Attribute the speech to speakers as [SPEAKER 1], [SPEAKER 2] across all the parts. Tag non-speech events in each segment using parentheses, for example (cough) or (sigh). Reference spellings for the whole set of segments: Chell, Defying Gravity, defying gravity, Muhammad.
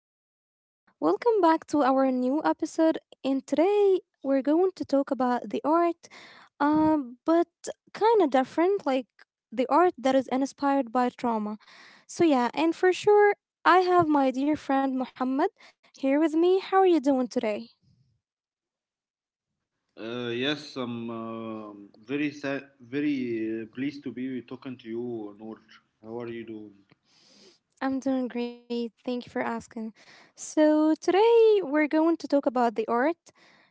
[SPEAKER 1] everyone. Welcome back to our new episode. And today we're going to talk about the art, but kind of different, like the art that is inspired by trauma. So, yeah, and for sure, I have my dear friend Muhammad here with me. How are you doing today?
[SPEAKER 2] Yes, I'm very sad, very pleased to be talking to you, Noor. How are you doing?
[SPEAKER 1] I'm doing great. Thank you for asking. So, today we're going to talk about the art.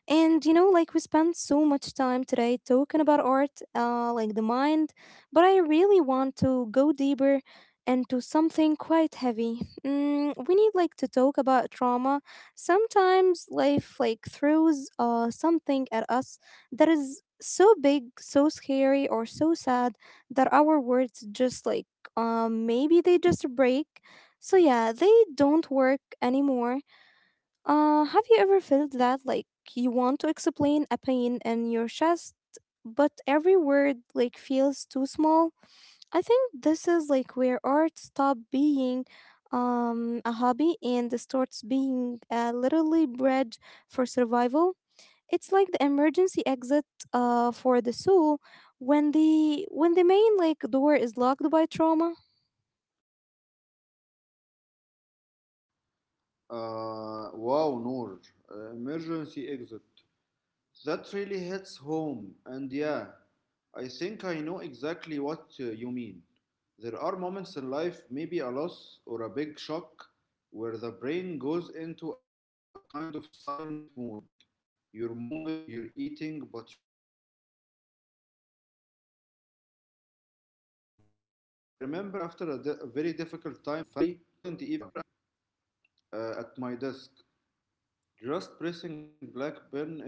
[SPEAKER 1] And you know, like we spent so much time today talking about art, like the mind, but I really want to go deeper into something quite heavy. Mm, we need like to talk about trauma. Sometimes life like throws something at us that is so big, so scary, or so sad that our words just like maybe they just break so yeah, they don't work anymore. Have you ever felt that like you want to explain a pain in your chest, but every word like feels too small? I think this is like where art stop being a hobby and starts being a literally bridge for survival. It's like the emergency exit for the soul when the main like door is locked by trauma.
[SPEAKER 2] Wow, Noor, emergency exit. That really hits home, and yeah, I think I know exactly what you mean. There are moments in life, maybe a loss or a big shock, where the brain goes into a kind of silent mode. You're moving, you're eating, but your voice is gone. I remember after a very difficult time in my family, I couldn't even talk about it for months. But I found myself sitting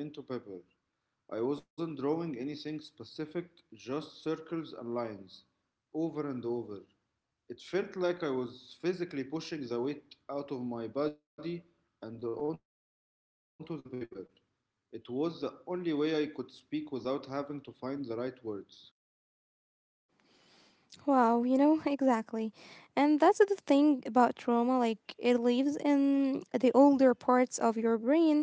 [SPEAKER 2] at my desk, just pressing black pen into paper. I wasn't drawing anything specific, just circles and lines, over and over. It felt like I was physically pushing the weight out of my body and onto the paper. It was the only way I could speak without having to find the right words.
[SPEAKER 1] Wow, you know, exactly. And that's the thing about trauma, like it lives in the older parts of your brain,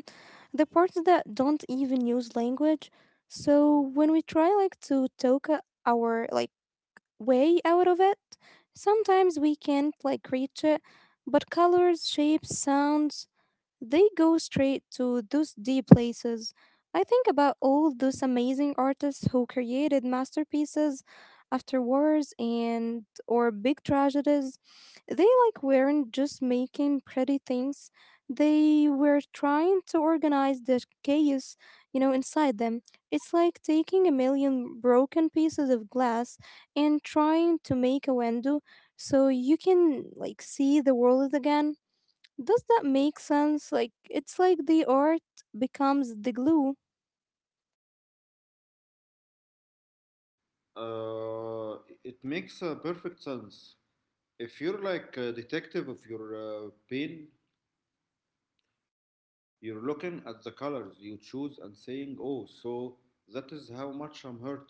[SPEAKER 1] the parts that don't even use language. So when we try like to talk our like way out of it. Sometimes we can't like reach it, but colors, shapes, sounds, they go straight to those deep places. I think about all those amazing artists who created masterpieces after wars and or big tragedies. They like weren't just making pretty things. They were trying to organize the chaos, you know, inside them. It's like taking a million broken pieces of glass and trying to make a window so you can like see the world again. Does that make sense? Like it's like the art becomes the glue.
[SPEAKER 2] Uh, it makes perfect sense. If you're like a detective of your pain, you're looking at the colors you choose and saying, oh, so that is how much I'm hurting.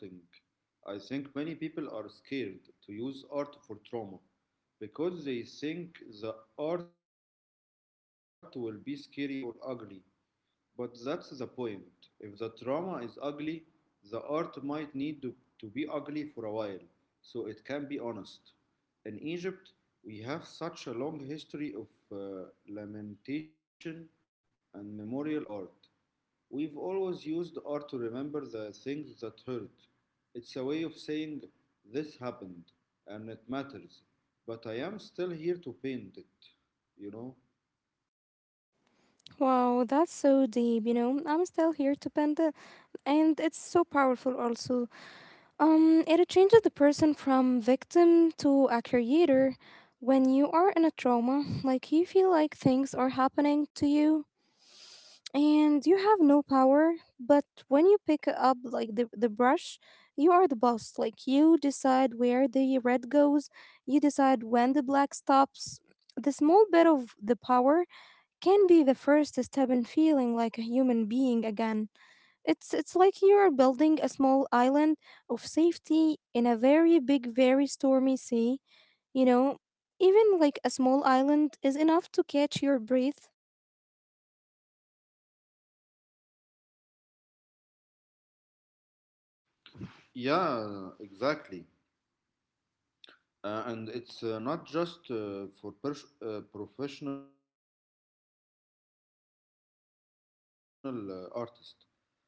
[SPEAKER 2] I think many people are scared to use art for trauma because they think the art will be scary or ugly. But that's the point. If the drama is ugly, the art might need to be ugly for a while, so it can be honest. In Egypt, we have such a long history of lamentation and memorial art. We've always used art to remember the things that hurt. It's a way of saying, this happened, and it matters, but I am still here to paint it, you know?
[SPEAKER 1] Wow, that's so deep, you know. I'm still here to paint it and it's so powerful also. It changes the person from victim to a creator. When you are in a trauma, like you feel like things are happening to you and you have no power but when you pick up like the brush, you are the boss. Like you decide where the red goes, you decide when the black stops. The small bit of the power can be the first step in feeling like a human being again. It's like you are building a small island of safety in a very big, very stormy sea, you know. Even like a small island is enough to catch your breath.
[SPEAKER 2] Yeah, exactly. And it's not just for professional artists. (coughs) (clears throat) I think that's a big mistake people made.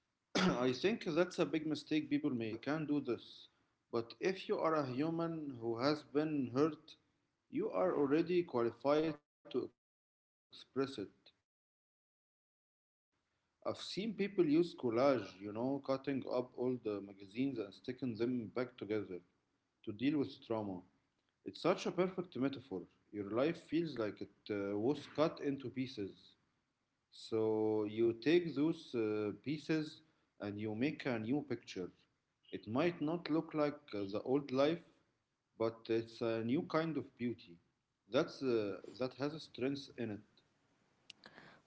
[SPEAKER 2] They think it, I'm not an artist, so I can't do this. But if you are a human who has been hurt, you are already qualified to express it. I've seen people use collage, you know, cutting up old magazines and sticking them back together to deal with trauma. It's such a perfect metaphor. Your life feels like it was cut into pieces. So you take those pieces and you make a new picture. It might not look like the old life, but it's a new kind of beauty. That has a strength in it.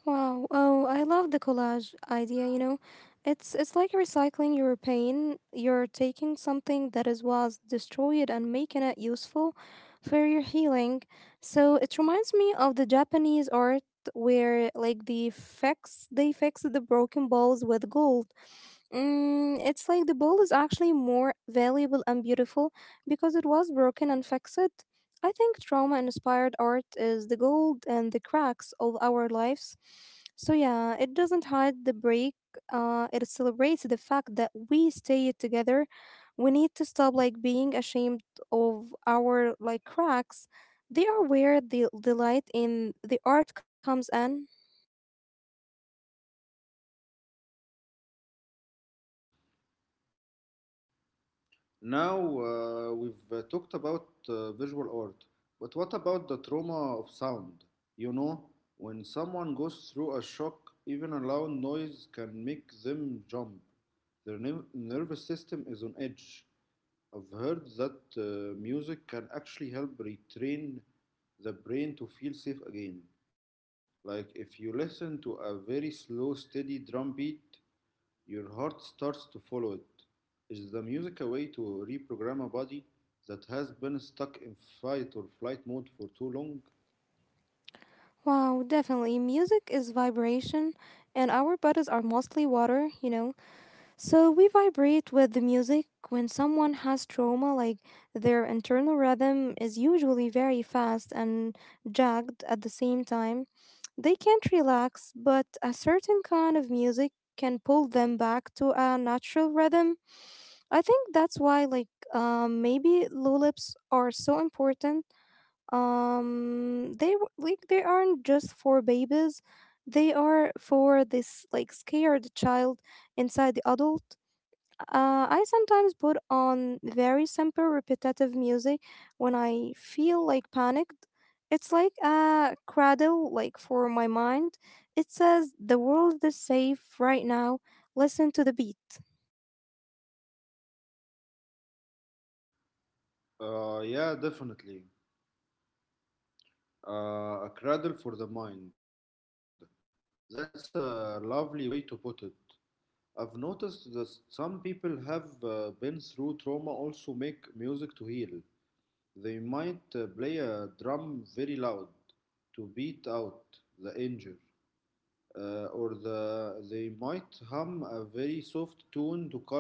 [SPEAKER 1] Wow. Oh, I love the collage idea, you know. It's like recycling your pain. You're taking something that is was destroyed and making it useful for your healing. So it reminds me of the Japanese art where like the fix they fix the broken balls with gold. Mm, it's like the ball is actually more valuable and beautiful because it was broken and fixed. I think trauma inspired art is the gold and the cracks of our lives. So, yeah, it doesn't hide the break, it celebrates the fact that we stay together. We need to stop like being ashamed of our like cracks. They are where the light in the art comes in.
[SPEAKER 2] Uh, yes, Now we've talked about visual art, but what about the trauma of sound? You know, when someone goes through a shock, even a loud noise can make them jump. Their nervous system is on edge. I've heard that music can actually help retrain the brain to feel safe again. Like if you listen to a very slow, steady drum beat, your heart starts to follow it. Is the music a way to reprogram a body that has been stuck in fight or flight mode for too long?
[SPEAKER 1] Wow, definitely. Music is vibration, and our bodies are mostly water, you know. So we vibrate with the music when someone has trauma, like their internal rhythm is usually very fast and jagged at the same time. They can't relax, but a certain kind of music can pull them back to a natural rhythm. I think that's why, like, maybe lullabies are so important. They like they aren't just for babies; they are for this like scared child inside the adult. I sometimes put on very simple, repetitive music when I feel like panicked. It's like a cradle, like for my mind. It says the world is safe right now. Listen to the beat.
[SPEAKER 2] Yeah, definitely. A cradle for the mind. That's a lovely way to put it. I've noticed that some people have been through trauma also make music to heal. They might play a drum very loud to beat out the injury, or they might hum a very soft tune to calm the fear.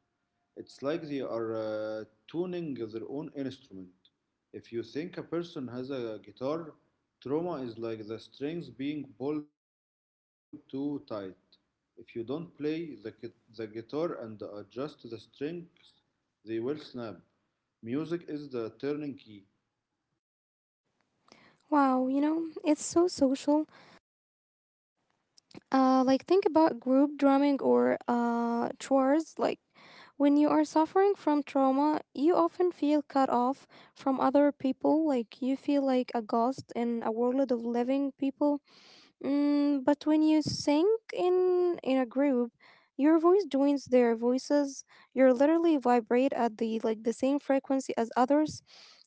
[SPEAKER 2] It's like they are tuning their own instrument. If you think a person has a guitar, trauma is like the strings being pulled too tight. If you don't play the guitar and adjust the strings, they will snap. Music is the turning key.
[SPEAKER 1] Wow, you know, it's so social. Like think about group drumming or chores. Like when you are suffering from trauma, you often feel cut off from other people. Like you feel like a ghost in a world of living people. Mm, but when you sing in a group, your voice joins their voices. You literally vibrate at the like the same frequency as others.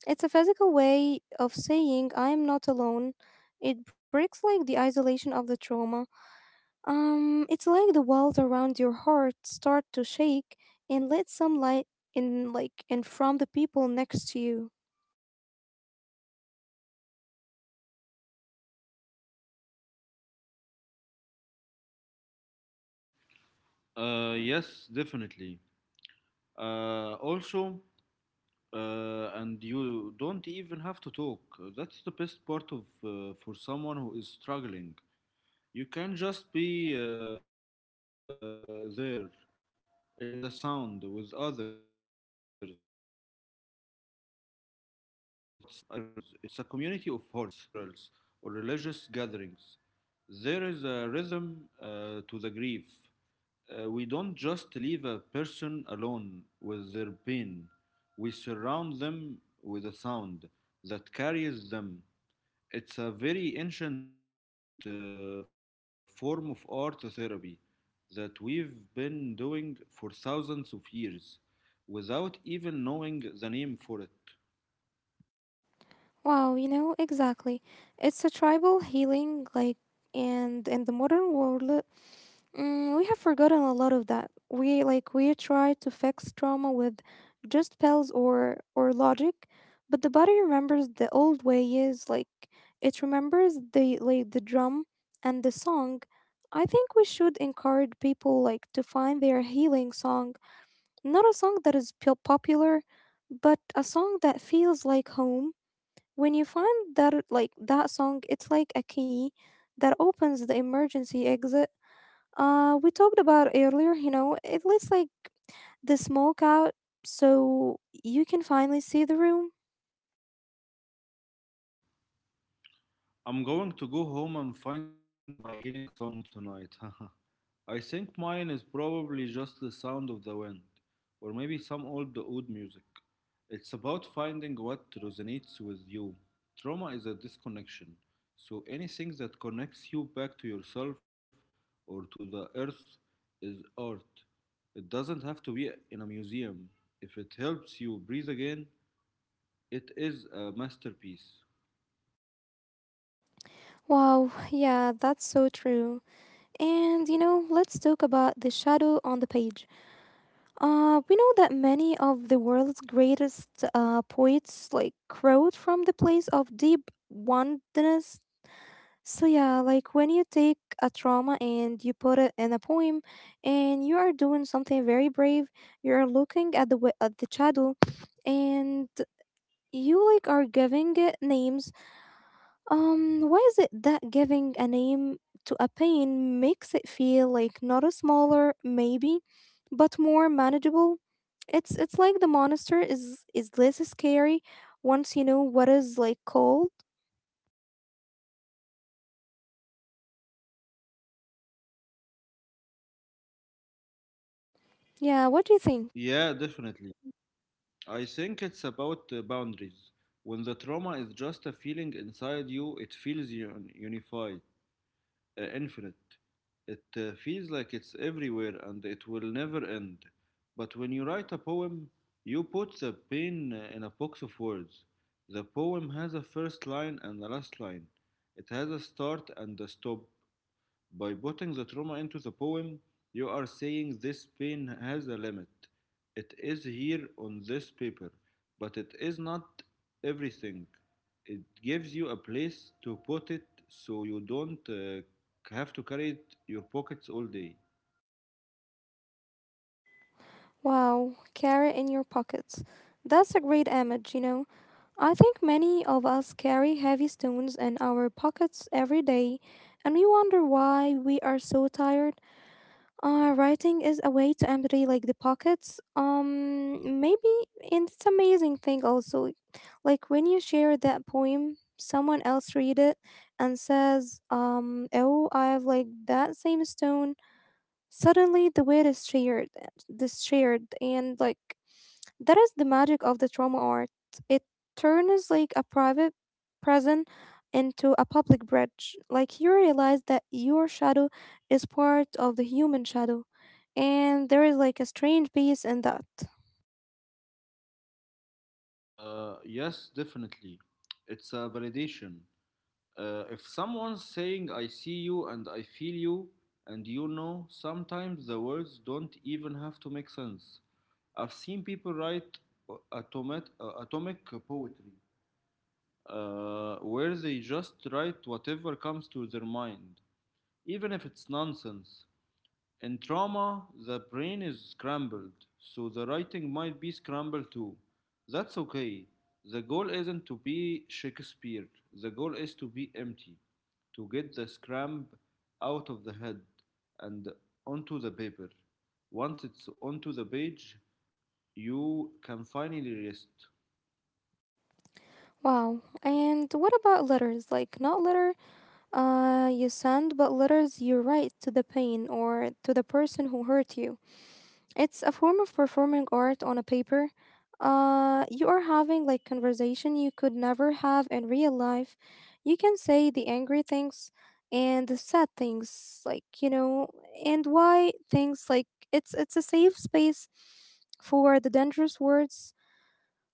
[SPEAKER 1] It's a physical way of saying I am not alone. It breaks like the isolation of the trauma. It's like the walls around your heart start to shake and let some light in like in from the people next to you.
[SPEAKER 2] Yes, definitely. Uh, also, and you don't even have to talk. That's the best part of for someone who is struggling. You can just be there in the sound with others. It's a community of hearts. I think in our Egyptian culture, we do this naturally at funerals or religious gatherings. There is a rhythm to the grief. We don't just leave a person alone with their pain, we surround them with a sound that carries them. It's a very ancient form of art therapy that we've been doing for thousands of years without even knowing the name for it.
[SPEAKER 1] Wow, you know, exactly. It's a tribal healing like and in the modern world. Mm, we have forgotten a lot of that. We like we try to fix trauma with just pills or logic, but the body remembers the old way is like it remembers the like the drum and the song. I think we should encourage people like to find their healing song, not a song that is popular, but a song that feels like home. When you find that like that song, it's like a key that opens the emergency exit we talked about earlier, you know, it lets like the smoke out so you can finally see the room.
[SPEAKER 2] I'm going to go home and find my healing song tonight. (laughs) I think mine is probably just the sound of the wind, or maybe some old oud music. It's about finding what resonates with you. Trauma is a disconnection, so anything that connects you back to yourself or to the earth is art. It doesn't have to be in a museum. If it helps you breathe again, it is a masterpiece.
[SPEAKER 1] Wow, yeah, that's so true. And you know, let's talk about the shadow on the page. We know that many of the world's greatest poets like wrote from the place of deep wantonness. So yeah, like when you take a trauma and you put it in a poem, and you are doing something very brave, you are looking at the at the shadow, and you like are giving it names. Why is it that giving a name to a pain makes it feel like not a smaller maybe, but more manageable? It's like the monster is less scary once you know what is like called. Yeah, what do you think?
[SPEAKER 2] Yeah, definitely. I think it's about boundaries. When the trauma is just a feeling inside you, it feels unified, infinite. It feels like it's everywhere and it will never end. But when you write a poem, you put the pain in a box of words. The poem has a first line and a last line. It has a start and a stop. By putting the trauma into the poem, you are saying this pain has a limit. It is here on this paper, but it is not everything. It gives you a place to put it so you don't have to carry it in your pockets all day.
[SPEAKER 1] Wow, carry in your pockets. That's a great image, you know. I think many of us carry heavy stones in our pockets every day, and we wonder why we are so tired. Writing is a way to empty like the pockets. Maybe, and it's amazing thing also, like when you share that poem, someone else read it and says, oh, I have like that same stone. Suddenly, the weight is shared, this shared, and like that is the magic of the trauma art. It turns like a private prison into a public bridge. Like you realize that your shadow is part of the human shadow. And there is like a strange peace in that.
[SPEAKER 2] Yes, definitely. It's a validation. If someone's saying, I see you and I feel you, and you know, sometimes the words don't even have to make sense. I've seen people write atomic poetry where they just write whatever comes to their mind, even if it's nonsense. In trauma, the brain is scrambled, so the writing might be scrambled too. That's okay. The goal isn't to be Shakespeare, the goal is to be empty, to get the scramb out of the head and onto the paper. Once it's onto the page, you can finally rest.
[SPEAKER 1] Wow. And what about letters? Like not letter you send, but letters you write to the pain or to the person who hurt you. It's a form of performing art on a paper. You are having like conversation you could never have in real life. You can say the angry things and the sad things, like you know, and why things like it's a safe space for the dangerous words.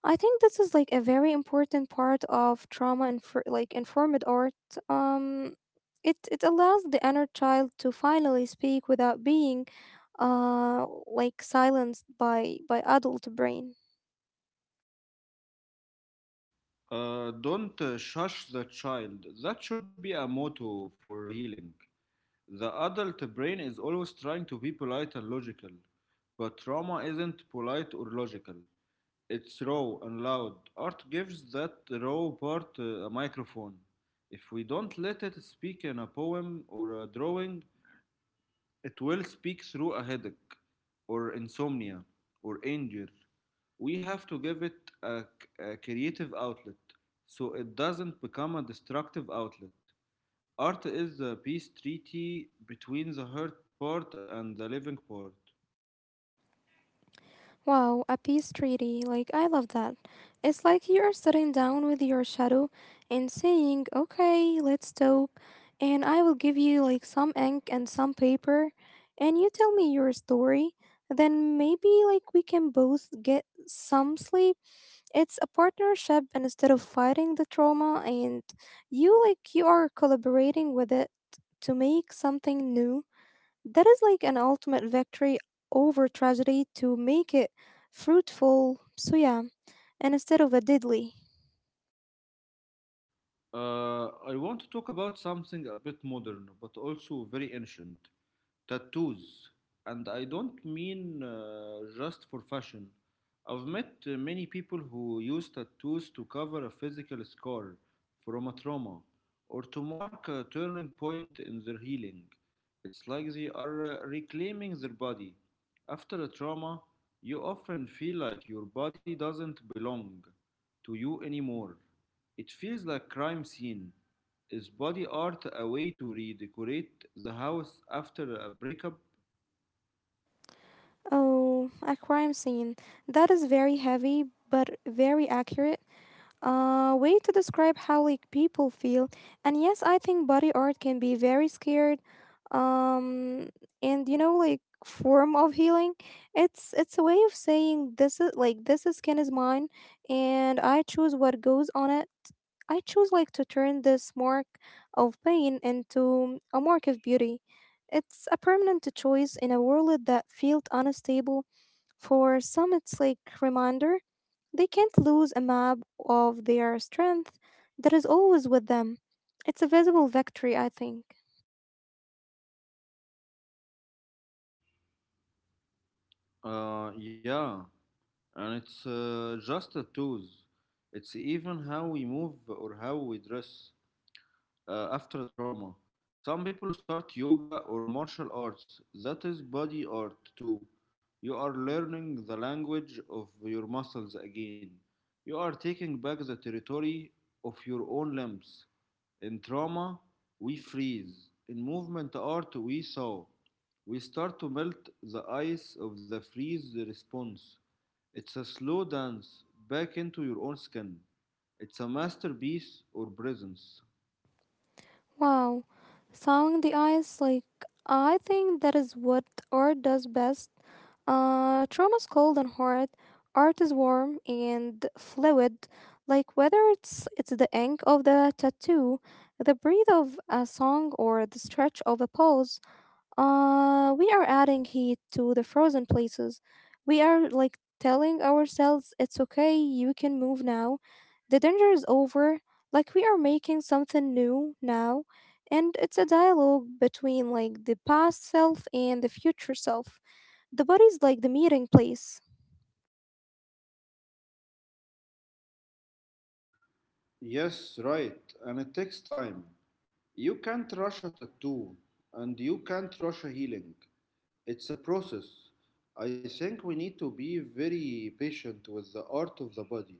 [SPEAKER 1] I think this is like a very important part of trauma and like informed art. Um, it it allows the inner child to finally speak without being like silenced by adult brain.
[SPEAKER 2] Don't shush the child. That should be a motto for healing. The adult brain is always trying to be polite and logical, but trauma isn't polite or logical. It's raw and loud. Art gives that raw part a microphone. If we don't let it speak in a poem or a drawing, it will speak through a headache, or insomnia, or anger. We have to give it a, a creative outlet so it doesn't become a destructive outlet. Art is the peace treaty between the hurt part and the living part.
[SPEAKER 1] Wow, a peace treaty. Like, I love that. It's like you're sitting down with your shadow and saying, okay, let's talk, and I will give you like some ink and some paper, and you tell me your story. Then maybe like we can both get some sleep. It's a partnership and instead of fighting the trauma, and you like you are collaborating with it to make something new that is like an ultimate victory over tragedy to make it fruitful. So, yeah, and instead of a deadly.
[SPEAKER 2] I want to talk about something a bit modern, but also very ancient. Tattoos, and I don't mean just for fashion. I've met many people who use tattoos to cover a physical scar from a trauma or to mark a turning point in their healing. It's like they are reclaiming their body. After a trauma, you often feel like your body doesn't belong to you anymore. It feels like crime scene. Is body art a way to redecorate the house after a breakup?
[SPEAKER 1] Oh, a crime scene. That is very heavy but very accurate. Way to describe how like people feel. And yes, I think body art can be very scared. Um, and you know like form of healing. It's a way of saying this is like this is skin is mine, and I choose what goes on it. I choose like to turn this mark of pain into a mark of beauty. It's a permanent choice in a world that feels unstable. For some, it's like reminder they can't lose a map of their strength that is always with them. It's a visible victory, I think.
[SPEAKER 2] Yeah, and it's just a tools. It's even how we move or how we dress after trauma. Some people start yoga or martial arts. That is body art too. You are learning the language of your muscles again. You are taking back the territory of your own limbs. In trauma, we freeze. In movement art, we thaw. We start to melt the ice of the freeze response. It's a slow dance back into your own skin. It's a masterpiece or presence.
[SPEAKER 1] Wow, song the eyes like I think that is what art does best. Trauma's cold and hard. Art is warm and fluid. Like whether it's the ink of the tattoo, the breath of a song, or the stretch of a pose. We are adding heat to the frozen places. We are like telling ourselves it's okay, you can move now. The danger is over. Like we are making something new now. And it's a dialogue between like the past self and the future self. The body's like the meeting place.
[SPEAKER 2] Yes, right. And it takes time. You can't rush a tattoo and you can't rush a healing. It's a process. I think we need to be very patient with the art of the body.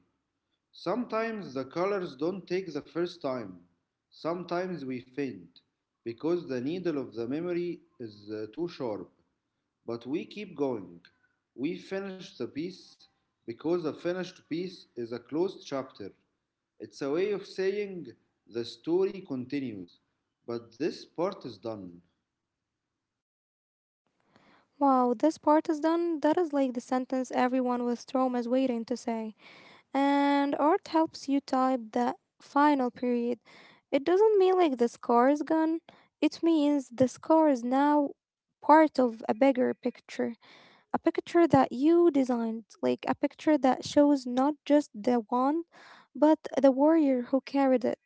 [SPEAKER 2] Sometimes the colors don't take the first time. Sometimes we faint because the needle of the memory is too sharp. But we keep going. We finish the piece because a finished piece is a closed chapter. It's a way of saying the story continues, but this part is done.
[SPEAKER 1] Wow, this part is done. That is like the sentence everyone with trauma is waiting to say. And art helps you type the final period. It doesn't mean like the scar is gone, it means the scar is now part of a bigger picture. A picture that you designed, like a picture that shows not just the wand, but the warrior who carried it.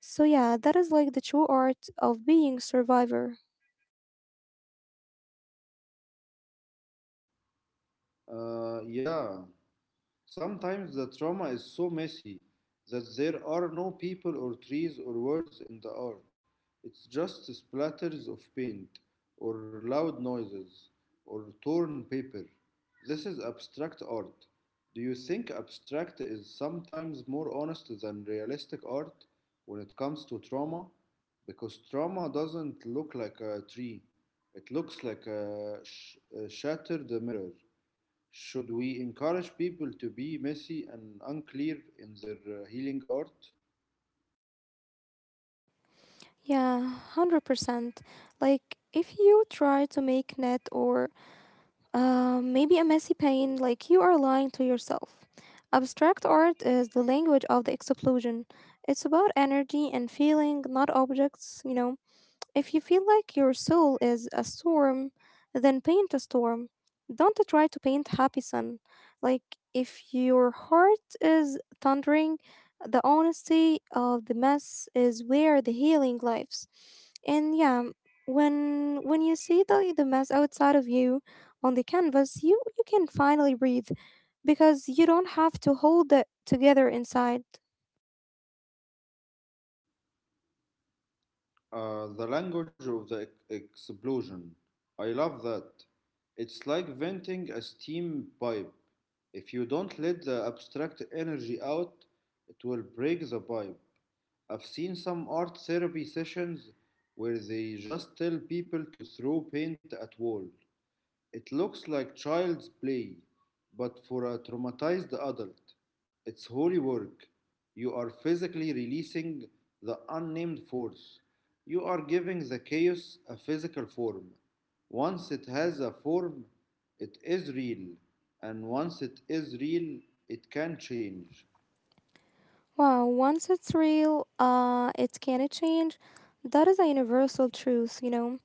[SPEAKER 1] So, yeah, that is like the true art of being survivor.
[SPEAKER 2] Uh, yeah. Sometimes the trauma is so messy that there are no people or trees or words in the art. It's just splatters of paint, or loud noises, or torn paper. This is abstract art. Do you think abstract is sometimes more honest than realistic art when it comes to trauma? Because trauma doesn't look like a tree, it looks like a shattered mirror. Should we encourage people to be messy and unclear in their healing art?
[SPEAKER 1] Yeah, 100%. Like, if you try to make net or maybe a messy pain, like you are lying to yourself. Abstract art is the language of the explosion. It's about energy and feeling, not objects. If you feel like your soul is a storm, then paint a storm. Don't try to paint happy sun. Like if your heart is thundering, the honesty of the mess is where the healing lives. And yeah, when you see the mess outside of you on the canvas, you can finally breathe because you don't have to hold it together inside.
[SPEAKER 2] The language of the explosion. I love that. It's like venting a steam pipe. If you don't let the abstract energy out, it will break the pipe. I've seen some art therapy sessions where they just tell people to throw paint at walls. It looks like child's play, but for a traumatized adult. It's holy work. You are physically releasing the unnamed force. You are giving the chaos a physical form. Once it has a form, it is real, and once it is real, it can change.
[SPEAKER 1] Wow, once it's real, it can't change. That is a universal truth, you know.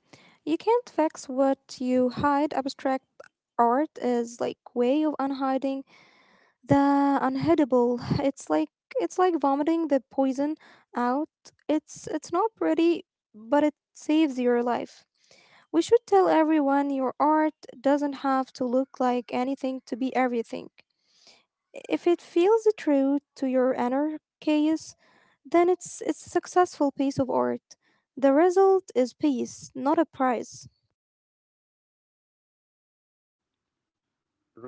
[SPEAKER 1] You can't fix what you hide. Abstract art is like way of unhiding the unhittable. (sighs) It's like vomiting the poison out. It's not pretty, but it saves your life. We should tell everyone your art doesn't have to look like anything to be everything. If it feels true to your inner chaos, then it's a successful piece of art. The result is peace, not a prize.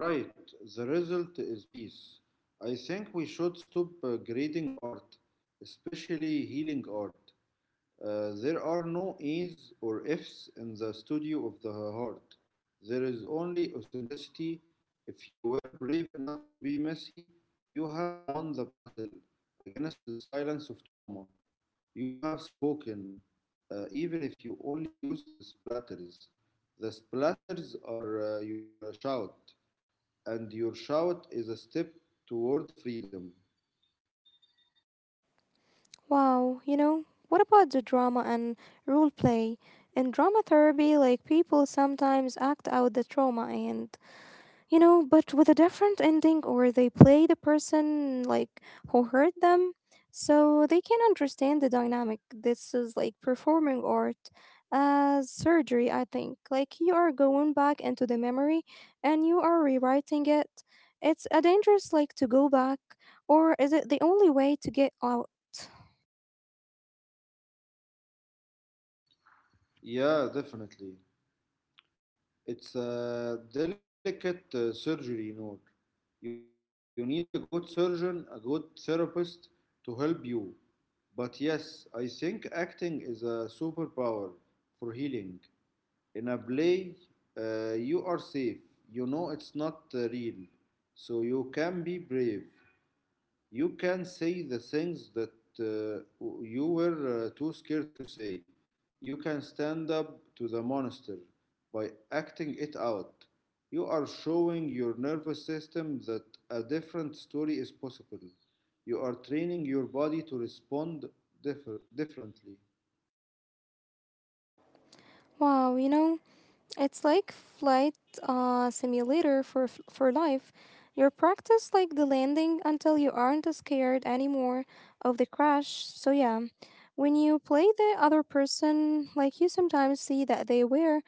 [SPEAKER 2] Right, the result is peace. I think we should stop grading art, especially healing art. There are no A's or F's in the studio of the heart. There is only authenticity. If you were brave enough to be messy, you have won the battle against the silence of trauma. You have spoken, even if you only use the splatters. The splatters are your shout, and your shout is a step toward freedom.
[SPEAKER 1] Wow, you know, what about the drama and role play? In drama therapy, like people sometimes act out the trauma and you know, but with a different ending, or they play the person like who hurt them, so they can understand the dynamic. This is like performing art as surgery, I think. Like you are going back into the memory and you are rewriting it. It's a dangerous like to go back, or is it the only way to get out?
[SPEAKER 2] Yeah, definitely. It's a delicate surgery, Noor. You need a good surgeon, a good therapist to help you. But yes, I think acting is a superpower for healing. In a play, you are safe. You know it's not real. So you can be brave. You can say the things that uh, you were too scared to say. You can stand up to the monster by acting it out. You are showing your nervous system that a different story is possible. You are training your body to respond differently.
[SPEAKER 1] Wow, you know. It's like flight simulator for for life. You practice like the landing until you aren't scared anymore of the crash. So yeah, when you play the other person, like you sometimes see that they were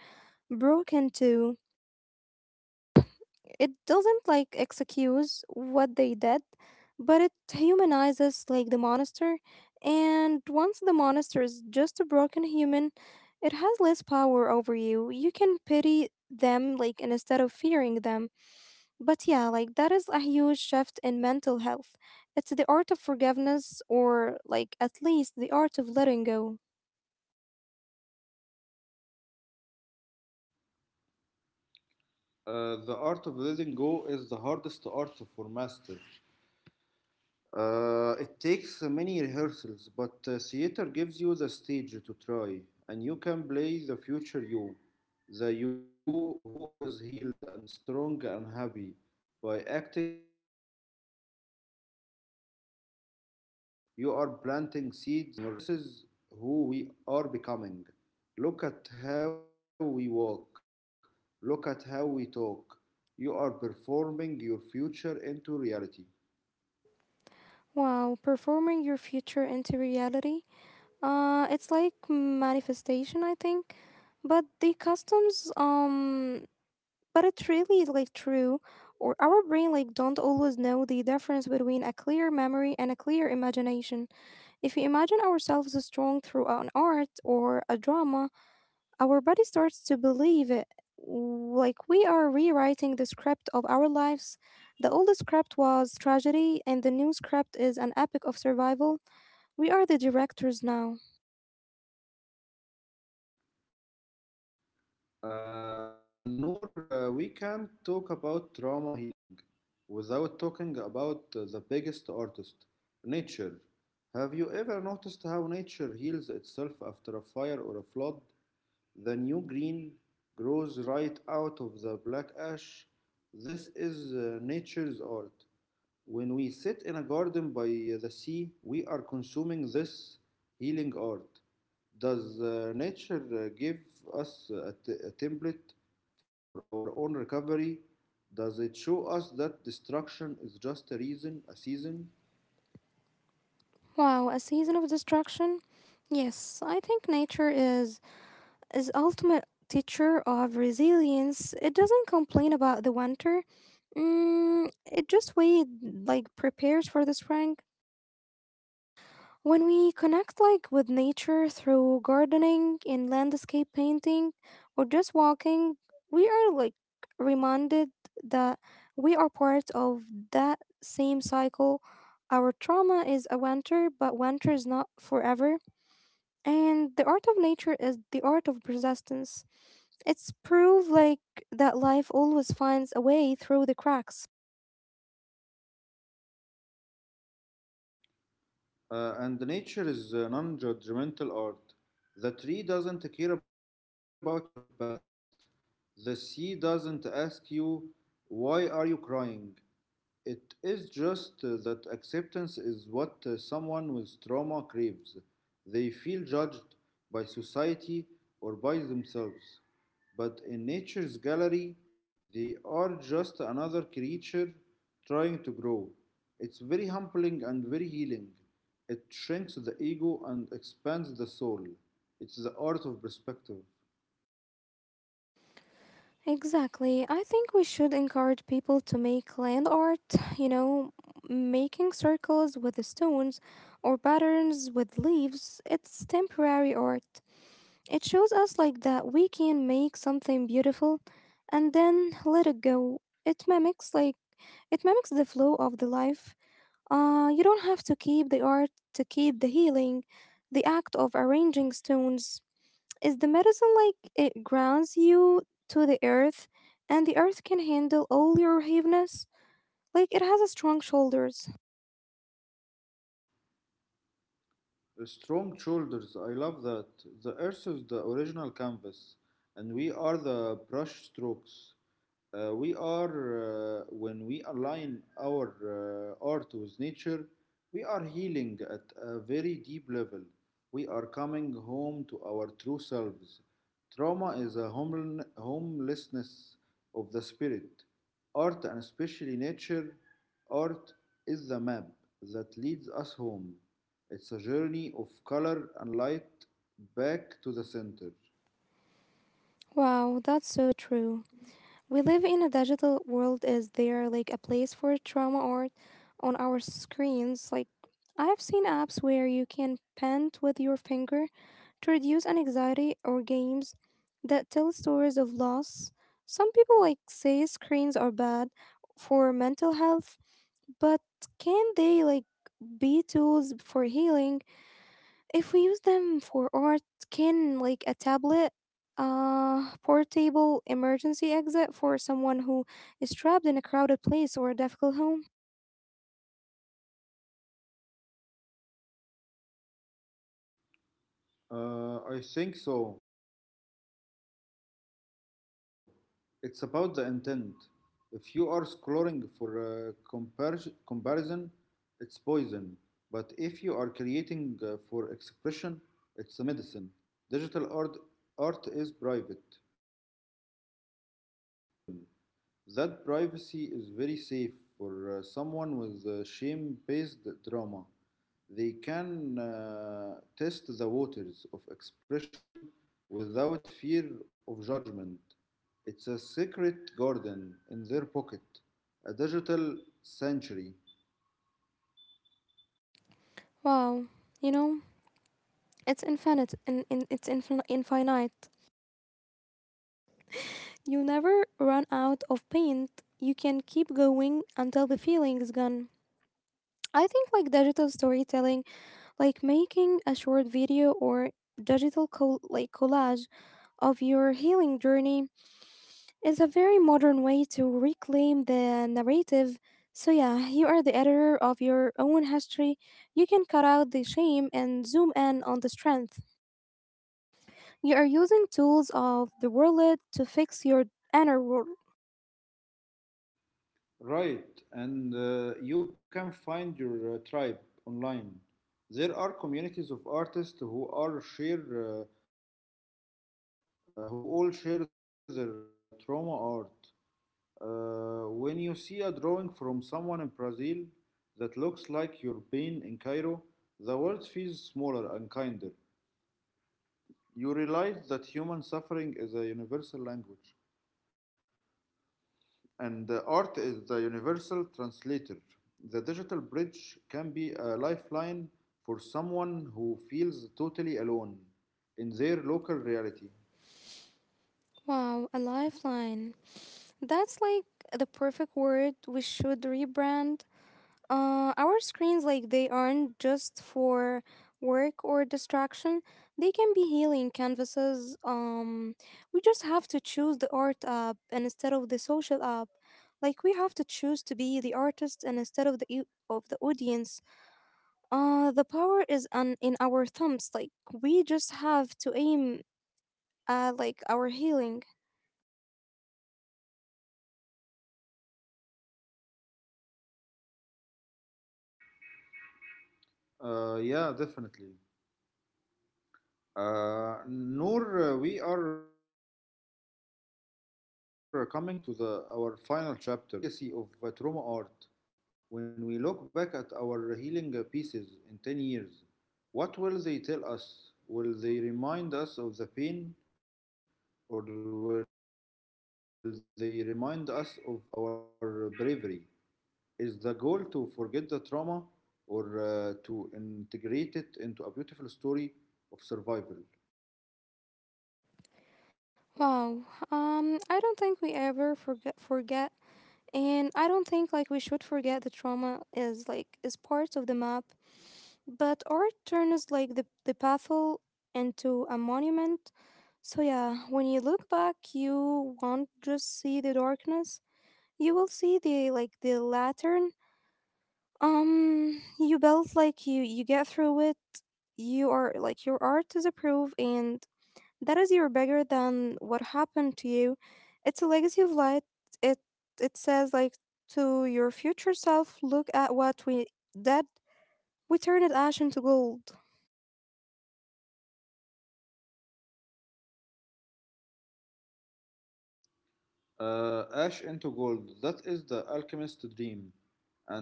[SPEAKER 1] broken too, it doesn't like excuse what they did, but it humanizes like the monster. And once the monster is just a broken human, it has less power over you. You can pity them like instead of fearing them. But yeah, like that is a huge shift in mental health. It's the art of forgiveness or like at least the art of letting go.
[SPEAKER 2] The art of letting go is the hardest art for master. It takes many rehearsals, but theater gives you the stage to try, and you can play the future you, the you who is healed and strong and happy. By acting like that person, you are planting seeds in your subconscious. You are telling your brain, this is who we are becoming. Look at how we walk, look at how we talk. You are performing your future into reality.
[SPEAKER 1] Wow, performing your future into reality. It's like manifestation, I think. But the customs, but it really is like true. Or our brain like don't always know the difference between a clear memory and a clear imagination. If we imagine ourselves as strong through an art or a drama, our body starts to believe it. Like we are rewriting the script of our lives. The old script was tragedy, and the new script is an epic of survival. We are the directors now.
[SPEAKER 2] Noor, we can't talk about trauma healing without talking about the biggest artist, nature. Have you ever noticed how nature heals itself after a fire or a flood? The new green grows right out of the black ash. This is nature's art. When we sit in a garden by the sea, we are consuming this healing art. Does nature give us a template for our own recovery? Does it show us that destruction is just a reason, a season?
[SPEAKER 1] Wow, a season of destruction? Yes, I think nature is ultimate teacher of resilience. It doesn't complain about the winter. It just wait like prepares for the spring. When we connect like with nature through gardening and landscape painting or just walking, we are like reminded that we are part of that same cycle. Our trauma is a winter, but winter is not forever. And the art of nature is the art of persistence. It's proof like that life always finds a way through the cracks.
[SPEAKER 2] And nature is a non judgmental art. The tree doesn't care about your past. The sea doesn't ask you, why are you crying? It is just that acceptance is what someone with trauma craves. They feel judged by society or by themselves. But in nature's gallery, they are just another creature trying to grow. It's very humbling and very healing. It shrinks the ego and expands the soul. It's the art of perspective.
[SPEAKER 1] Exactly. I think we should encourage people to make land art, you know, making circles with the stones or patterns with leaves. It's temporary art. It shows us like that we can make something beautiful and then let it go. It mimics the flow of the life. You don't have to keep the art to keep the healing. The act of arranging stones is the medicine like it grounds you to the earth, and the earth can handle all your heaviness. Like it has a strong shoulders.
[SPEAKER 2] Strong shoulders. I love that. The earth is the original canvas, and we are the brush strokes. When we align our art with nature, we are healing at a very deep level. We are coming home to our true selves. Trauma is a homelessness of the spirit. Art, and especially nature, art is the map that leads us home. It's a journey of color and light back to the center.
[SPEAKER 1] Wow, that's so true. We live in a digital world. Is there like a place for trauma art on our screens? Like I have seen apps where you can paint with your finger to reduce anxiety or games that tell stories of loss. Some people like say screens are bad for mental health, but can they like be tools for healing if we use them for art? Can like a tablet portable emergency exit for someone who is trapped in a crowded place or a difficult home?
[SPEAKER 2] I think so. It's about the intent. If you are scrolling for comparison, it's poison. But if you are creating for expression, it's a medicine. Digital art, Art is private. No one can see your messy thoughts unless you share them. That privacy is very safe for someone with shame based drama. They can test the waters of expression without fear of judgment. It's a secret garden in their pocket, a digital sanctuary.
[SPEAKER 1] Wow, you know, it's infinite and infinite. You never run out of paint. You can keep going until the feeling is gone. I think like digital storytelling, like making a short video or like collage of your healing journey is a very modern way to reclaim the narrative. So yeah, you are the editor of your own history. You can cut out the shame and zoom in on the strength. You are using tools of the world to fix your inner world.
[SPEAKER 2] Right, and you can find your tribe online. There are communities of artists who who all share their trauma art. When you see a drawing from someone in Brazil that looks like your pain in Cairo, the world feels smaller and kinder. You realize that human suffering is a universal language. And the art is the universal translator. The digital bridge can be a lifeline for someone who feels totally alone in their local reality.
[SPEAKER 1] Wow, a lifeline. That's like the perfect word. We should rebrand. Our screens, like, they aren't just for work or distraction. They can be healing canvases. We just have to choose the art app and instead of the social app. Like, we have to choose to be the artist and instead of of the audience. The power is on in our thumbs. Like, we just have to aim at like our healing.
[SPEAKER 2] Yeah, definitely. Noor, we are coming to the our final chapter of our session today. What is the legacy of trauma art? When we look back at our healing pieces in 10 years, what will they tell us? Will they remind us of the pain or will they remind us of our bravery? Is the goal to forget the trauma or to integrate it into a beautiful story of survival?
[SPEAKER 1] Wow. I don't think we ever forget, and I don't think like we should forget. The trauma is like is part of the map, but art turns like the pathol into a monument. So yeah, when you look back you won't just see the darkness, you will see the like the lantern. You built like you get through it, you are like your art is approved and that is you're bigger than what happened to you. It's a legacy of light. It it says like to your future self, look at what we did. We turned ash into gold.
[SPEAKER 2] Ash into gold. That is the alchemist's dream,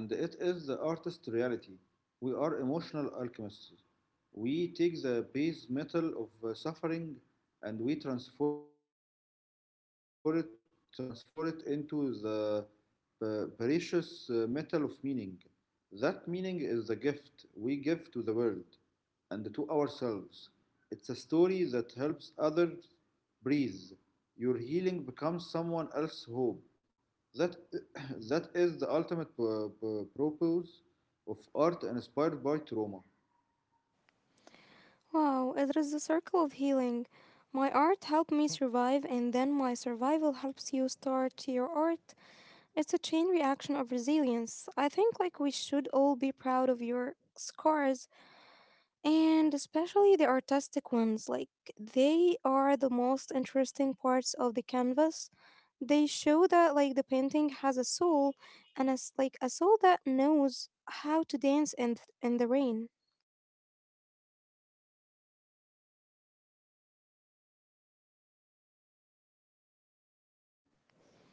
[SPEAKER 2] and it is the artist's reality. We are emotional alchemists. We take the base metal of suffering and we transform it into the precious metal of meaning. That meaning is the gift we give to the world and to ourselves. It's a story that helps others breathe. Your healing becomes someone else's hope. That, (coughs) (clears throat) that is the ultimate purpose of art inspired by trauma.
[SPEAKER 1] Wow, it is the circle of healing. My art helped me survive and then my survival helps you start your art. It's a chain reaction of resilience. I think like we should all be proud of your scars. And especially the artistic ones, like they are the most interesting parts of the canvas. They show that like the painting has a soul and as like a soul that knows how to dance in in the rain.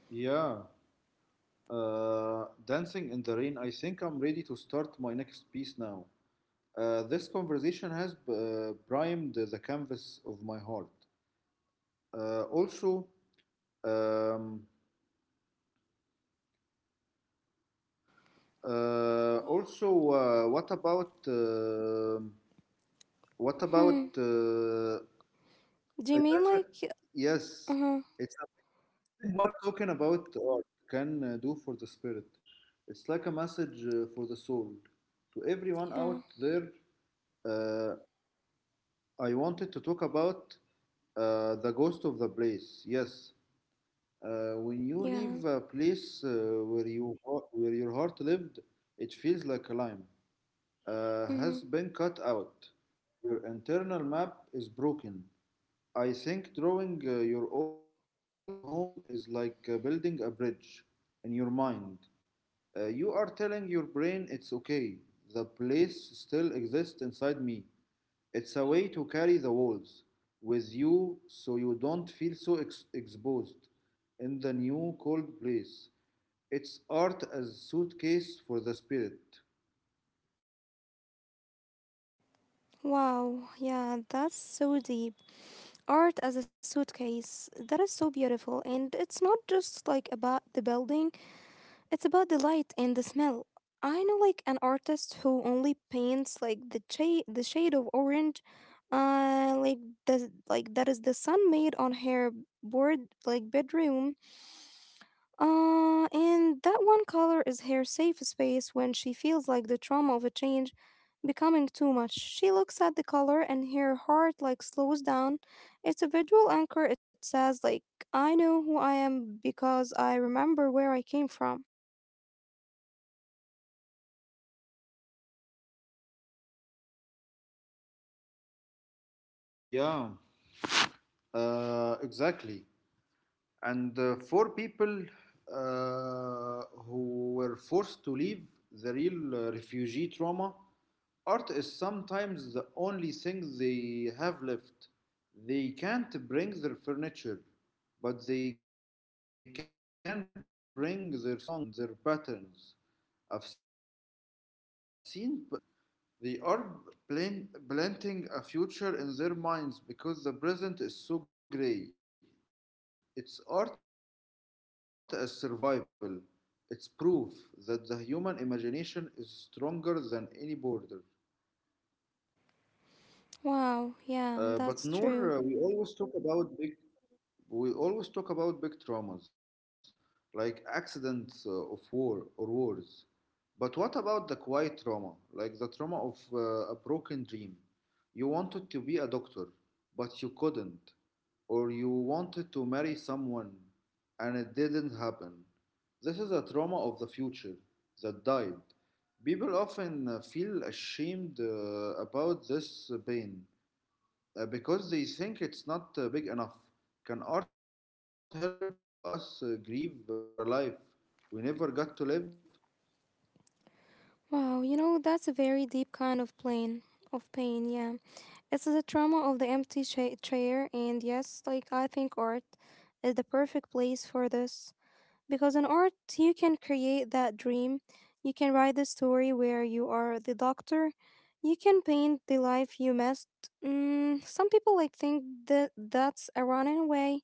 [SPEAKER 2] Yeah. Dancing in the rain. I think I'm ready to start my next piece now. This conversation has primed the canvas of my heart. Also, um, also, what about What
[SPEAKER 1] Hmm.
[SPEAKER 2] about
[SPEAKER 1] Do you mean
[SPEAKER 2] a
[SPEAKER 1] like
[SPEAKER 2] different-
[SPEAKER 1] uh-huh,
[SPEAKER 2] yes, it's amazing what talking about art can do for the spirit. It's like a message for the soul. To everyone out
[SPEAKER 1] yeah,
[SPEAKER 2] there, uh, I wanted to talk about the ghost of the place. Yes, when you leave
[SPEAKER 1] yeah.
[SPEAKER 2] a place where you where your heart lived, it feels like a lime has
[SPEAKER 1] Mm-hmm.
[SPEAKER 2] been cut out. Your internal map is broken. I think drawing your old home is like building a bridge in your mind. You are telling your brain it's okay. The place still exists inside me. It's a way to carry the walls with you so you don't feel so exposed in the new cold place. It's art as a suitcase for the spirit.
[SPEAKER 1] Wow, yeah, that's so deep. Art as a suitcase, that is so beautiful. And it's not just like about the building, it's about the light and the smell. I know like an artist who only paints like the shade of orange like the like that is the sun made on her board like bedroom and that one color is her safe space. When she feels like the trauma of a change becoming too much, she looks at the color and her heart like slows down. It's a visual anchor, it says like I know who I am because I remember where I came from.
[SPEAKER 2] Yeah. Exactly. And for people who were forced to leave the real refugee trauma, art is sometimes the only thing they have left. They can't bring their furniture, but they can bring their songs and their patterns. I've seen children in camps drawing gardens and trees. They are planting a future in their minds because the present is so gray. It's art as survival. It's proof that the human imagination is stronger than any border.
[SPEAKER 1] Wow, yeah,
[SPEAKER 2] But
[SPEAKER 1] that's true.
[SPEAKER 2] Noor, we always talk about big, we always talk about big traumas, like accidents of war or wars. But what about the quiet trauma, like the trauma of a broken dream? You wanted to be a doctor, but you couldn't. Or you wanted to marry someone and it didn't happen. This is a trauma of the future that died. People often feel ashamed about this pain because they think it's not big enough. Can art help us grieve for a life we never got to live?
[SPEAKER 1] Wow, you know, that's a very deep kind of pain. Of pain, yeah. It's the trauma of chair, and yes, like I think art is the perfect place for this. Because in art, you can create that dream. You can write the story where you are the doctor. You can paint the life you missed. Mm, some people like think that that's a running away,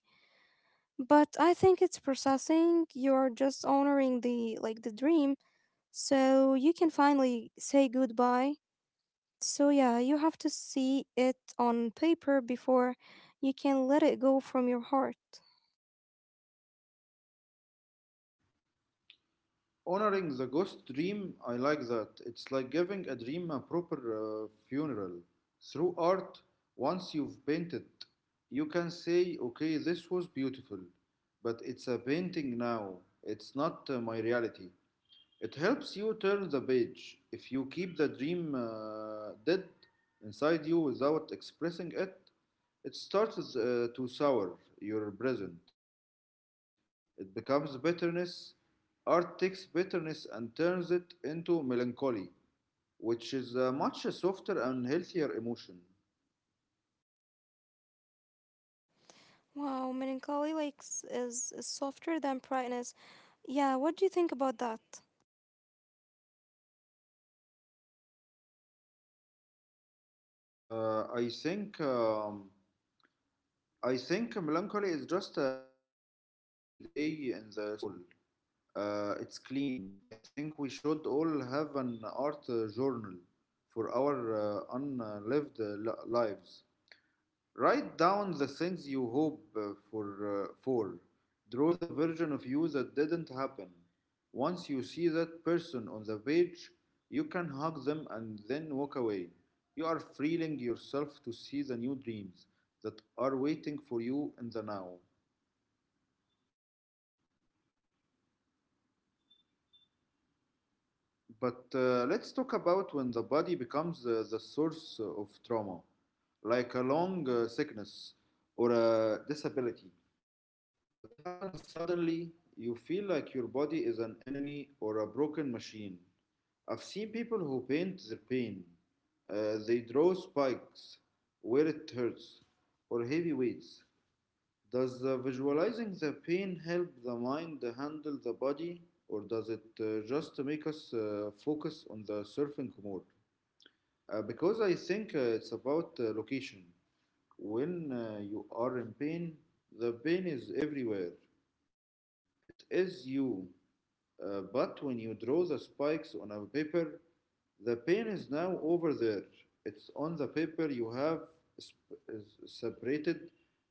[SPEAKER 1] but I think it's processing. You're just honoring the like the dream so you can finally say goodbye. So, yeah, you have to see it on paper before you can let it go from your heart.
[SPEAKER 2] Honoring the ghost dream, I like that. It's like giving a dream a proper funeral. Through art, once you've painted, you can say, okay, this was beautiful, but it's a painting now. It's not my reality. It helps you turn the page. If you keep the dream dead inside you without expressing it, it starts to sour your present. It becomes bitterness. Art takes bitterness and turns it into melancholy, which is a much softer and healthier emotion.
[SPEAKER 1] Wow, melancholy like is softer than brightness. Yeah, what do you think about that?
[SPEAKER 2] Uh, I think um, I think melancholy is just a rainy day in the soul. It's clean. I think we should all have an art journal for our unlived lives. Write down the things you hope for. Draw the version of you that didn't happen. Once you see that person on the page, you can hug them and then walk away. You are freeing yourself to see the new dreams that are waiting for you in the now. But let's talk about when the body becomes the source of trauma, like a long sickness or a disability that happens suddenly. You feel like your body is an enemy or a broken machine. I've seen people who paint their pain. They draw spikes where it hurts or heavy weights. Does visualizing the pain help the mind handle the body, or does it just make us focus on the surfing more? Because I think it's about location. When you are in pain, the pain is everywhere. It is you. But when you draw the spikes on a paper, the pen is now over there. It's on the paper. You have separated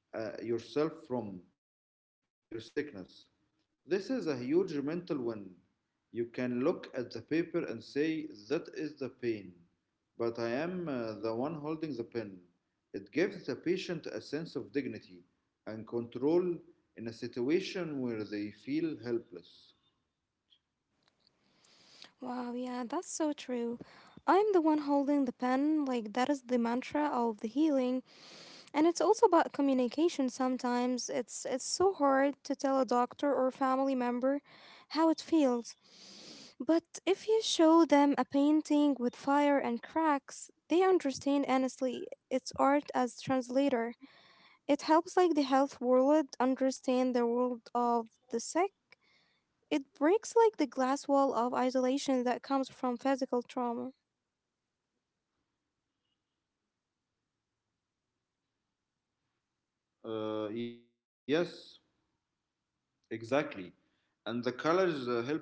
[SPEAKER 2] yourself from your sickness. This is a huge mental win. You can look at the paper and say, that is the pain, but I am the one holding the pen. It gives the patient a sense of dignity and control in a situation where they feel helpless.
[SPEAKER 1] Wow, yeah, that's so true. I'm the one holding the pen, like that is the mantra of the healing. And it's also about communication sometimes. It's so hard to tell a doctor or family member how it feels. But if you show them a painting with fire and cracks, they understand honestly its art as translator. It helps like the health world understand the world of the sick. It breaks like the glass wall of isolation that comes from physical trauma.
[SPEAKER 2] Yes, exactly. And the colors help too.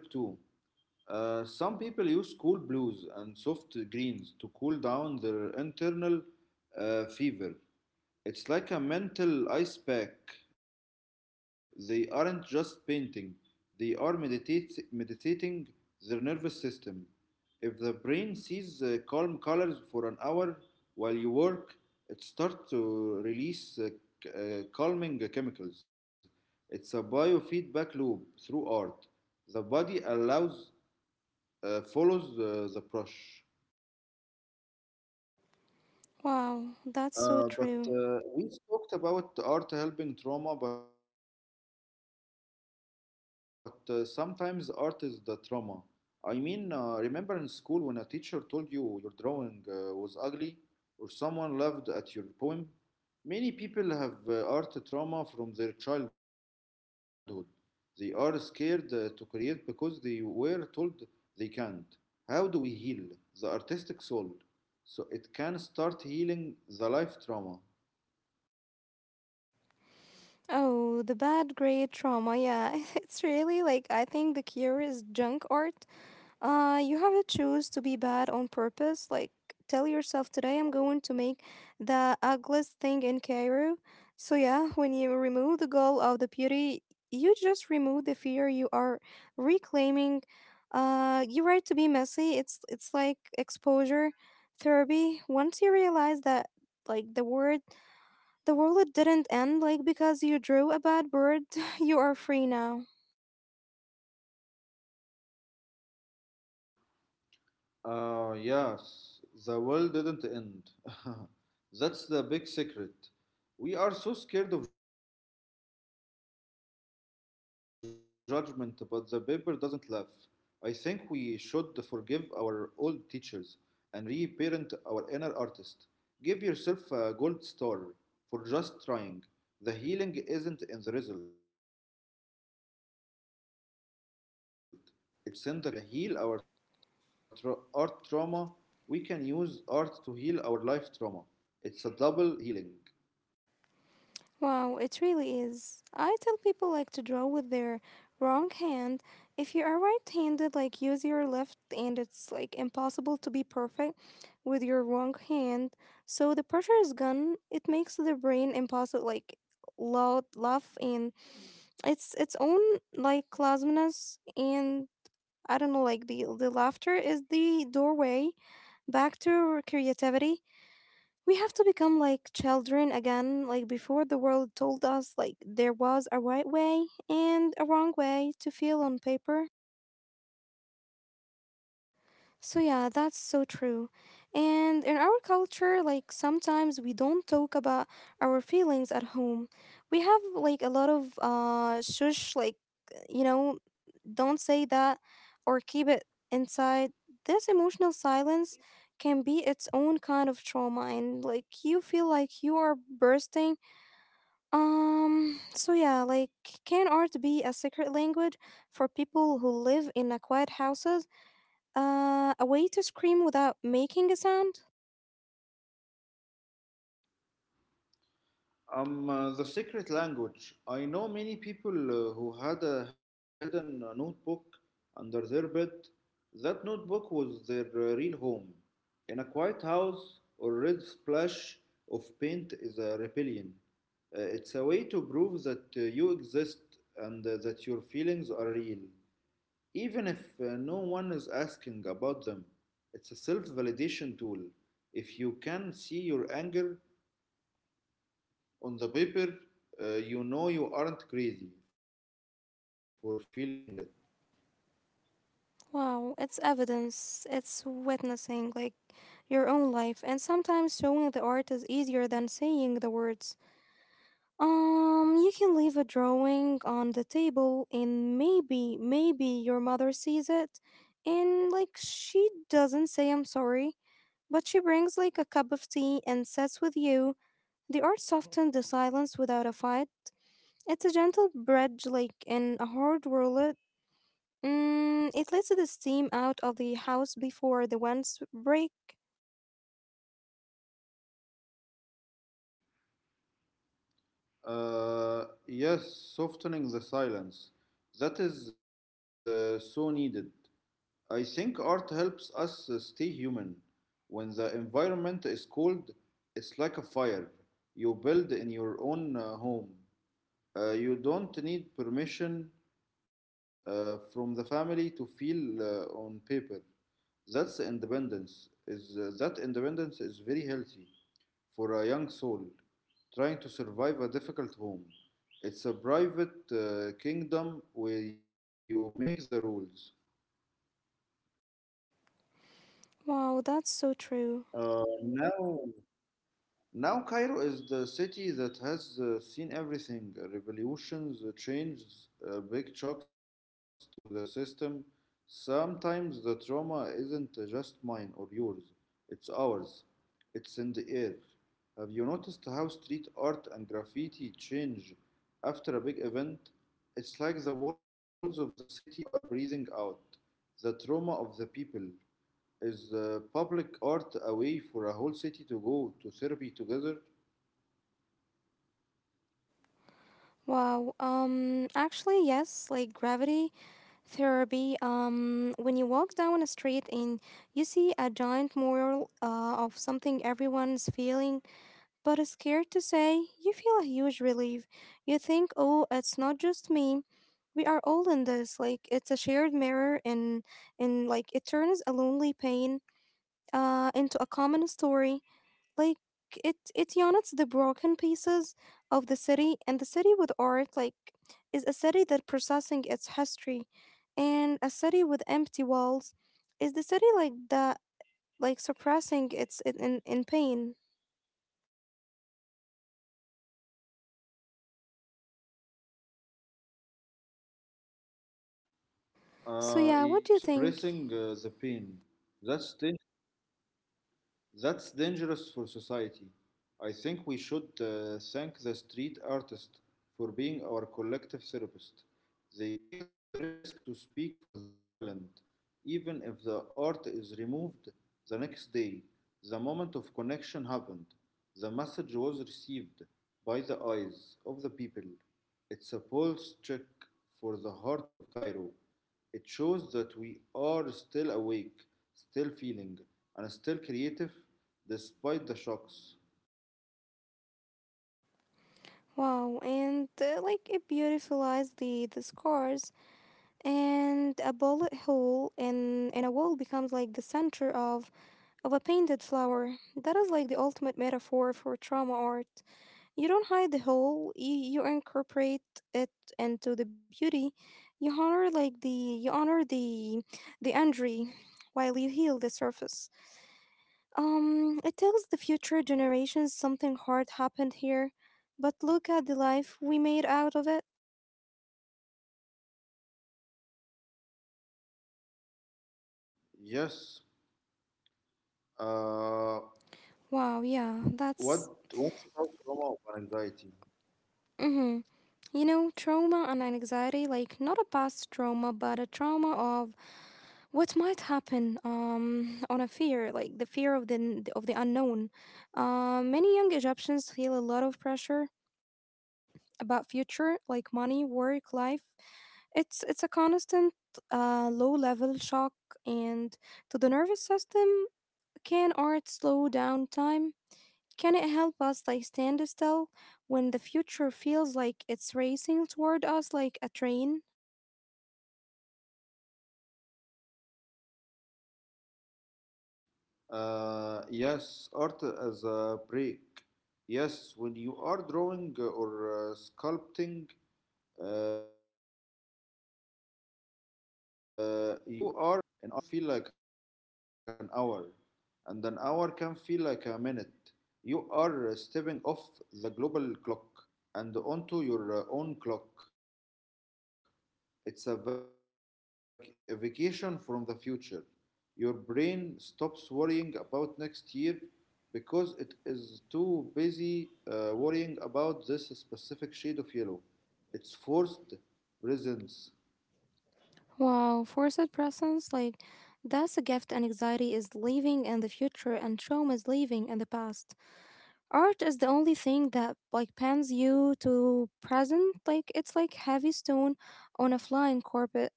[SPEAKER 2] Some people use cool blues and soft greens to cool down their internal fever. It's like a mental ice pack. They aren't just painting, they are meditating their nervous system. If the brain sees calm colors for an hour while you work, it starts to release calming chemicals. It's a biofeedback loop through art. The body allows follows the brush.
[SPEAKER 1] Wow, that's so
[SPEAKER 2] Uh, but
[SPEAKER 1] true.
[SPEAKER 2] uh, we talked about art helping trauma, but sometimes art is the trauma. I mean, remember in school when a teacher told you your drawing was ugly or someone laughed at your poem? Many people have art trauma from their childhood. They are scared to create because they were told they can't. How do we heal the artistic soul, so it can start healing the life trauma?
[SPEAKER 1] Oh, the bad grade trauma. Yeah, (laughs) it's really like I think the cure is junk art. You have to choose to be bad on purpose. Like, tell yourself today I'm going to make the ugliest thing in Cairo. So yeah, when you remove the goal of the beauty, you just remove the fear. You are reclaiming, your right to be messy. It's like exposure therapy. Once you realize that, like the world didn't end like because you drew a bad bird. (laughs) You are free now.
[SPEAKER 2] Yes, the world didn't end. (laughs) That's the big secret. We are so scared of judgment, but the paper doesn't laugh. I think we should forgive our old teachers and reparent our inner artist. Give yourself a gold star for just trying. The healing isn't in the result, it's in the courage to touch the paper. If we can heal our art trauma, we can use art to heal our life trauma. It's a double healing.
[SPEAKER 1] Wow, it really is. I tell people like to draw with their wrong hand. If you are right-handed, like use your left and it's like impossible to be perfect with your wrong hand. So the pressure is gone. It makes the brain impossible like loud laugh and it's its own like clumsiness and I don't know like the laughter is the doorway back to creativity. We have to become like children again, like before the world told us like there was a right way and a wrong way to feel on paper. So yeah, that's so true. And in our culture, like sometimes we don't talk about our feelings at home. We have like a lot of shush like you know, don't say that or keep it inside. This emotional silence can be its own kind of trauma and like you feel like you are bursting. So yeah, like can art be a secret language for people who live in a quiet houses? A way to scream without making a sound?
[SPEAKER 2] The secret language. I know many people who had a hidden notebook under their bed. That notebook was their real home. In a quiet house, or red splash of paint is a rebellion. It's a way to prove that you exist and that your feelings are real. Even if no one is asking about them, it's a self validation tool. If you can see your anger on the paper, you know you aren't crazy for feeling it.
[SPEAKER 1] Wow, it's evidence. It's witnessing like your own life, and sometimes showing the art is easier than saying the words. You can leave a drawing on the table and maybe your mother sees it, and like she doesn't say I'm sorry, but she brings like a cup of tea and sits with you. The art softened the silence without a fight. It's a gentle bridge, like in a hard world. Mm, it lets the steam out of the house before the winds break.
[SPEAKER 2] Yes, softening the silence. That is so needed. I think art helps us stay human. When the environment is cold, it's like a fire you build in your own home. You don't need permission from the family to feel on paper. That's independence. Is that independence is very healthy for a young soul trying to survive a difficult home. It's a private kingdom where you make the rules.
[SPEAKER 1] Wow, that's so true.
[SPEAKER 2] Now, Now, Cairo is the city that has seen everything, revolutions, changes, big shocks to the system. Sometimes the trauma isn't just mine or yours, it's ours. It's in the air. Have you noticed how street art and graffiti change after a big event? It's like the walls of the city are breathing out the trauma of the people. Is public art a way for a whole city to go to therapy together?
[SPEAKER 1] Wow. Um, actually yes, like gravity therapy. Um, when you walk down a street and you see a giant mural of something everyone's feeling, but is scared to say, you feel a huge relief. You think, oh, it's not just me. We are all in this. Like it's a shared mirror, and like it turns a lonely pain into a common story. Like it unites the broken pieces of the city, and the city with art like is a city that processing its history, and a city with empty walls is the city like that like suppressing its in pain.
[SPEAKER 2] Yes,
[SPEAKER 1] So yeah, what
[SPEAKER 2] suppressing
[SPEAKER 1] do you
[SPEAKER 2] the
[SPEAKER 1] think?
[SPEAKER 2] pain. That's, dan- that's dangerous for society. I think we should thank the street artist for being our collective therapist. They take the risk to speak for the silent. Even if the art is removed the next day, the moment of connection happened. The message was received by the eyes of the people. It's a pulse check for the heart of Cairo. It shows that we are still awake, still feeling, and still creative despite the shocks.
[SPEAKER 1] Wow, and like it beautifies the scars, and a bullet hole in a wall becomes like the center of a painted flower. That is like the ultimate metaphor for trauma art. You don't hide the hole; you incorporate it into the beauty. You honor like the the injury while you heal the surface. It tells the future generations something hard happened here, but look at the life we made out of it.
[SPEAKER 2] Yes. Uh,
[SPEAKER 1] Wow, yeah,
[SPEAKER 2] what
[SPEAKER 1] that's.
[SPEAKER 2] what's about trauma or anxiety?
[SPEAKER 1] Hmm. You know, trauma and anxiety, like not a past trauma, but a trauma of what might happen, on a fear, like the fear of the unknown. Many young Egyptians feel a lot of pressure about future, like money, work, life. It's a constant low level shock, and to the nervous system, can art slow down time? Can it help us like stand still when the future feels like it's racing toward us like a train?
[SPEAKER 2] Yes, art as a break. Yes, when you are drawing or sculpting, you are an artist time. An artist time, 1 minute can feel like an hour, and an hour can feel like a minute. You are stepping off the global clock and onto your own clock. It's a a vacation from the future. Your brain stops worrying about next year because it is too busy worrying about this specific shade of yellow. It's forced presence.
[SPEAKER 1] Wow, forced presence, like that's a gift, and anxiety is living in the future and trauma is living in the past. Art is the only thing that like pans you to present, like it's like heavy stone on a flying carpet.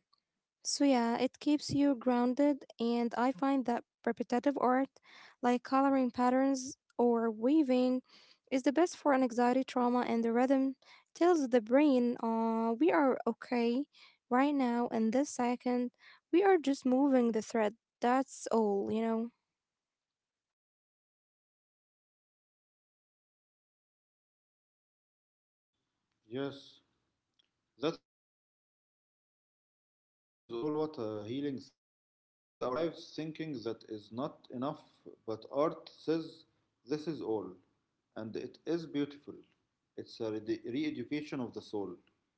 [SPEAKER 1] So yeah, it keeps you grounded, and I find that repetitive art like coloring patterns or weaving is the best for an anxiety trauma, and the rhythm tells the brain we are okay right now in this second. We are just moving the thread. That's all, you know.
[SPEAKER 2] Yes. That is all, what a healing thought. We spend our lives thinking that is not enough, but art says this is all. And it is beautiful. It's a re education of the soul.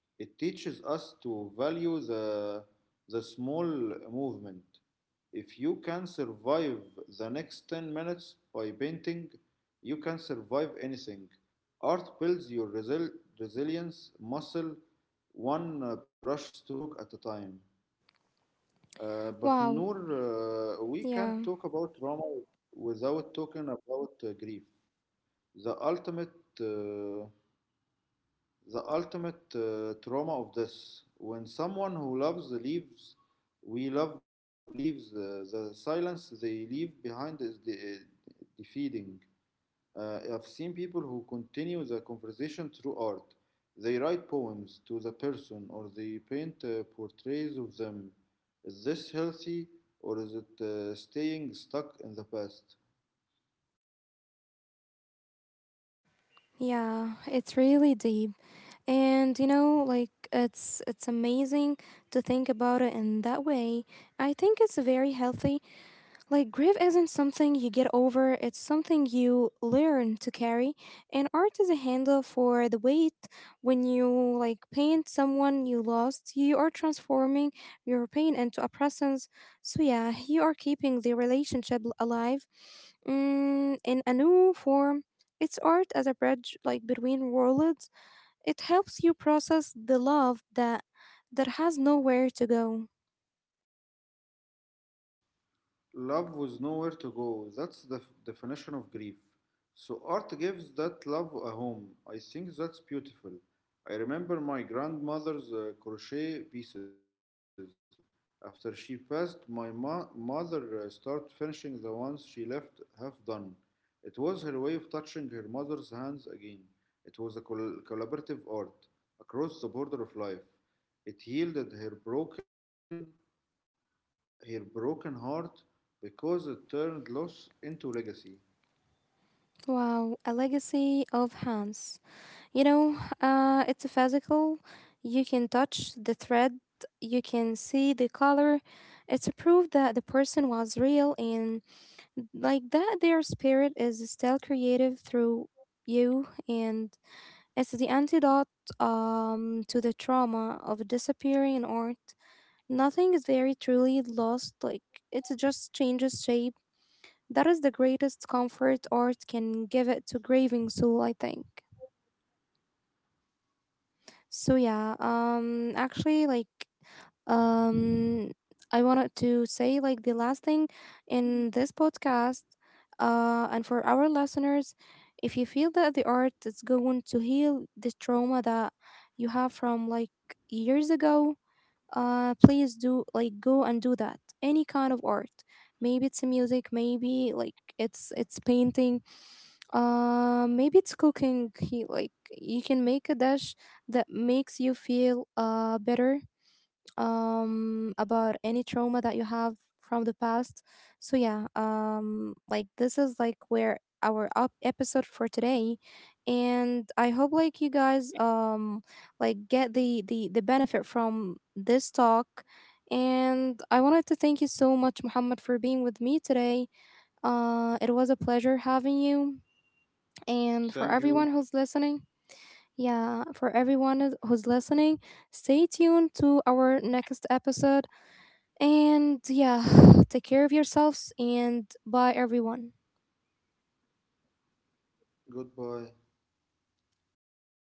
[SPEAKER 2] It teaches us to value the small movement. If you can survive the next 10 minutes by painting, you can survive anything. Art builds your resilience muscle one brush stroke at a time. But
[SPEAKER 1] Wow.
[SPEAKER 2] Noor, we can't
[SPEAKER 1] Yeah.
[SPEAKER 2] talk about trauma without talking about grief. The ultimate, uh, the ultimate trauma of this. When someone who loves leaves, we love leaves. The silence they leave behind is defeating. I've seen people who continue the conversation through art. They write poems to the person or they paint portraits of them. Is this healthy or is it staying stuck in the past?
[SPEAKER 1] Yeah, it's really deep. And you know, like it's amazing to think about it in that way. I think it's very healthy. Like, grief isn't something you get over, it's something you learn to carry. And art is a handle for the weight. When you like paint someone you lost, you are transforming your pain into a presence. So, yeah, you are keeping the relationship alive, mm, in a new form. It's art as a bridge, like between worlds. It helps you process the love that has nowhere to go.
[SPEAKER 2] Love was nowhere to go. That's the definition of grief. So art gives that love a home. I think that's beautiful. I remember my grandmother's crochet pieces. After she passed, my mother started finishing the ones she left half done. It was her way of touching her mother's hands again. It was a collaborative art across the border of life. It yielded her broken heart because it turned loss into legacy.
[SPEAKER 1] Wow, a legacy of Hans. You know, it's physical. You can touch the thread, you can see the color. It's a proof that the person was real, and like that their spirit is still creative through you, and it's the antidote to the trauma of disappearing in art. Nothing is very truly lost, like it just changes shape. That is the greatest comfort art can give it to grieving soul, I think. So yeah, actually like um I wanted to say like the last thing in this podcast and for our listeners, if you feel that the art is going to heal the trauma that you have from like years ago, please do like go and do that any kind of art, maybe it's music, maybe like it's painting, maybe it's cooking, he like you can make a dish that makes you feel better about any trauma that you have from the past. So yeah, like this is like where our up episode for today, and I hope like you guys like get the benefit from this talk, and I wanted to thank you so much muhammad for being with me today. Uh it was a pleasure having you, and for everyone who's listening.
[SPEAKER 2] Thank you.
[SPEAKER 1] Yeah for everyone who's listening, stay tuned to our next episode. And yeah, (sighs) take care of yourselves and bye everyone.
[SPEAKER 2] Goodbye.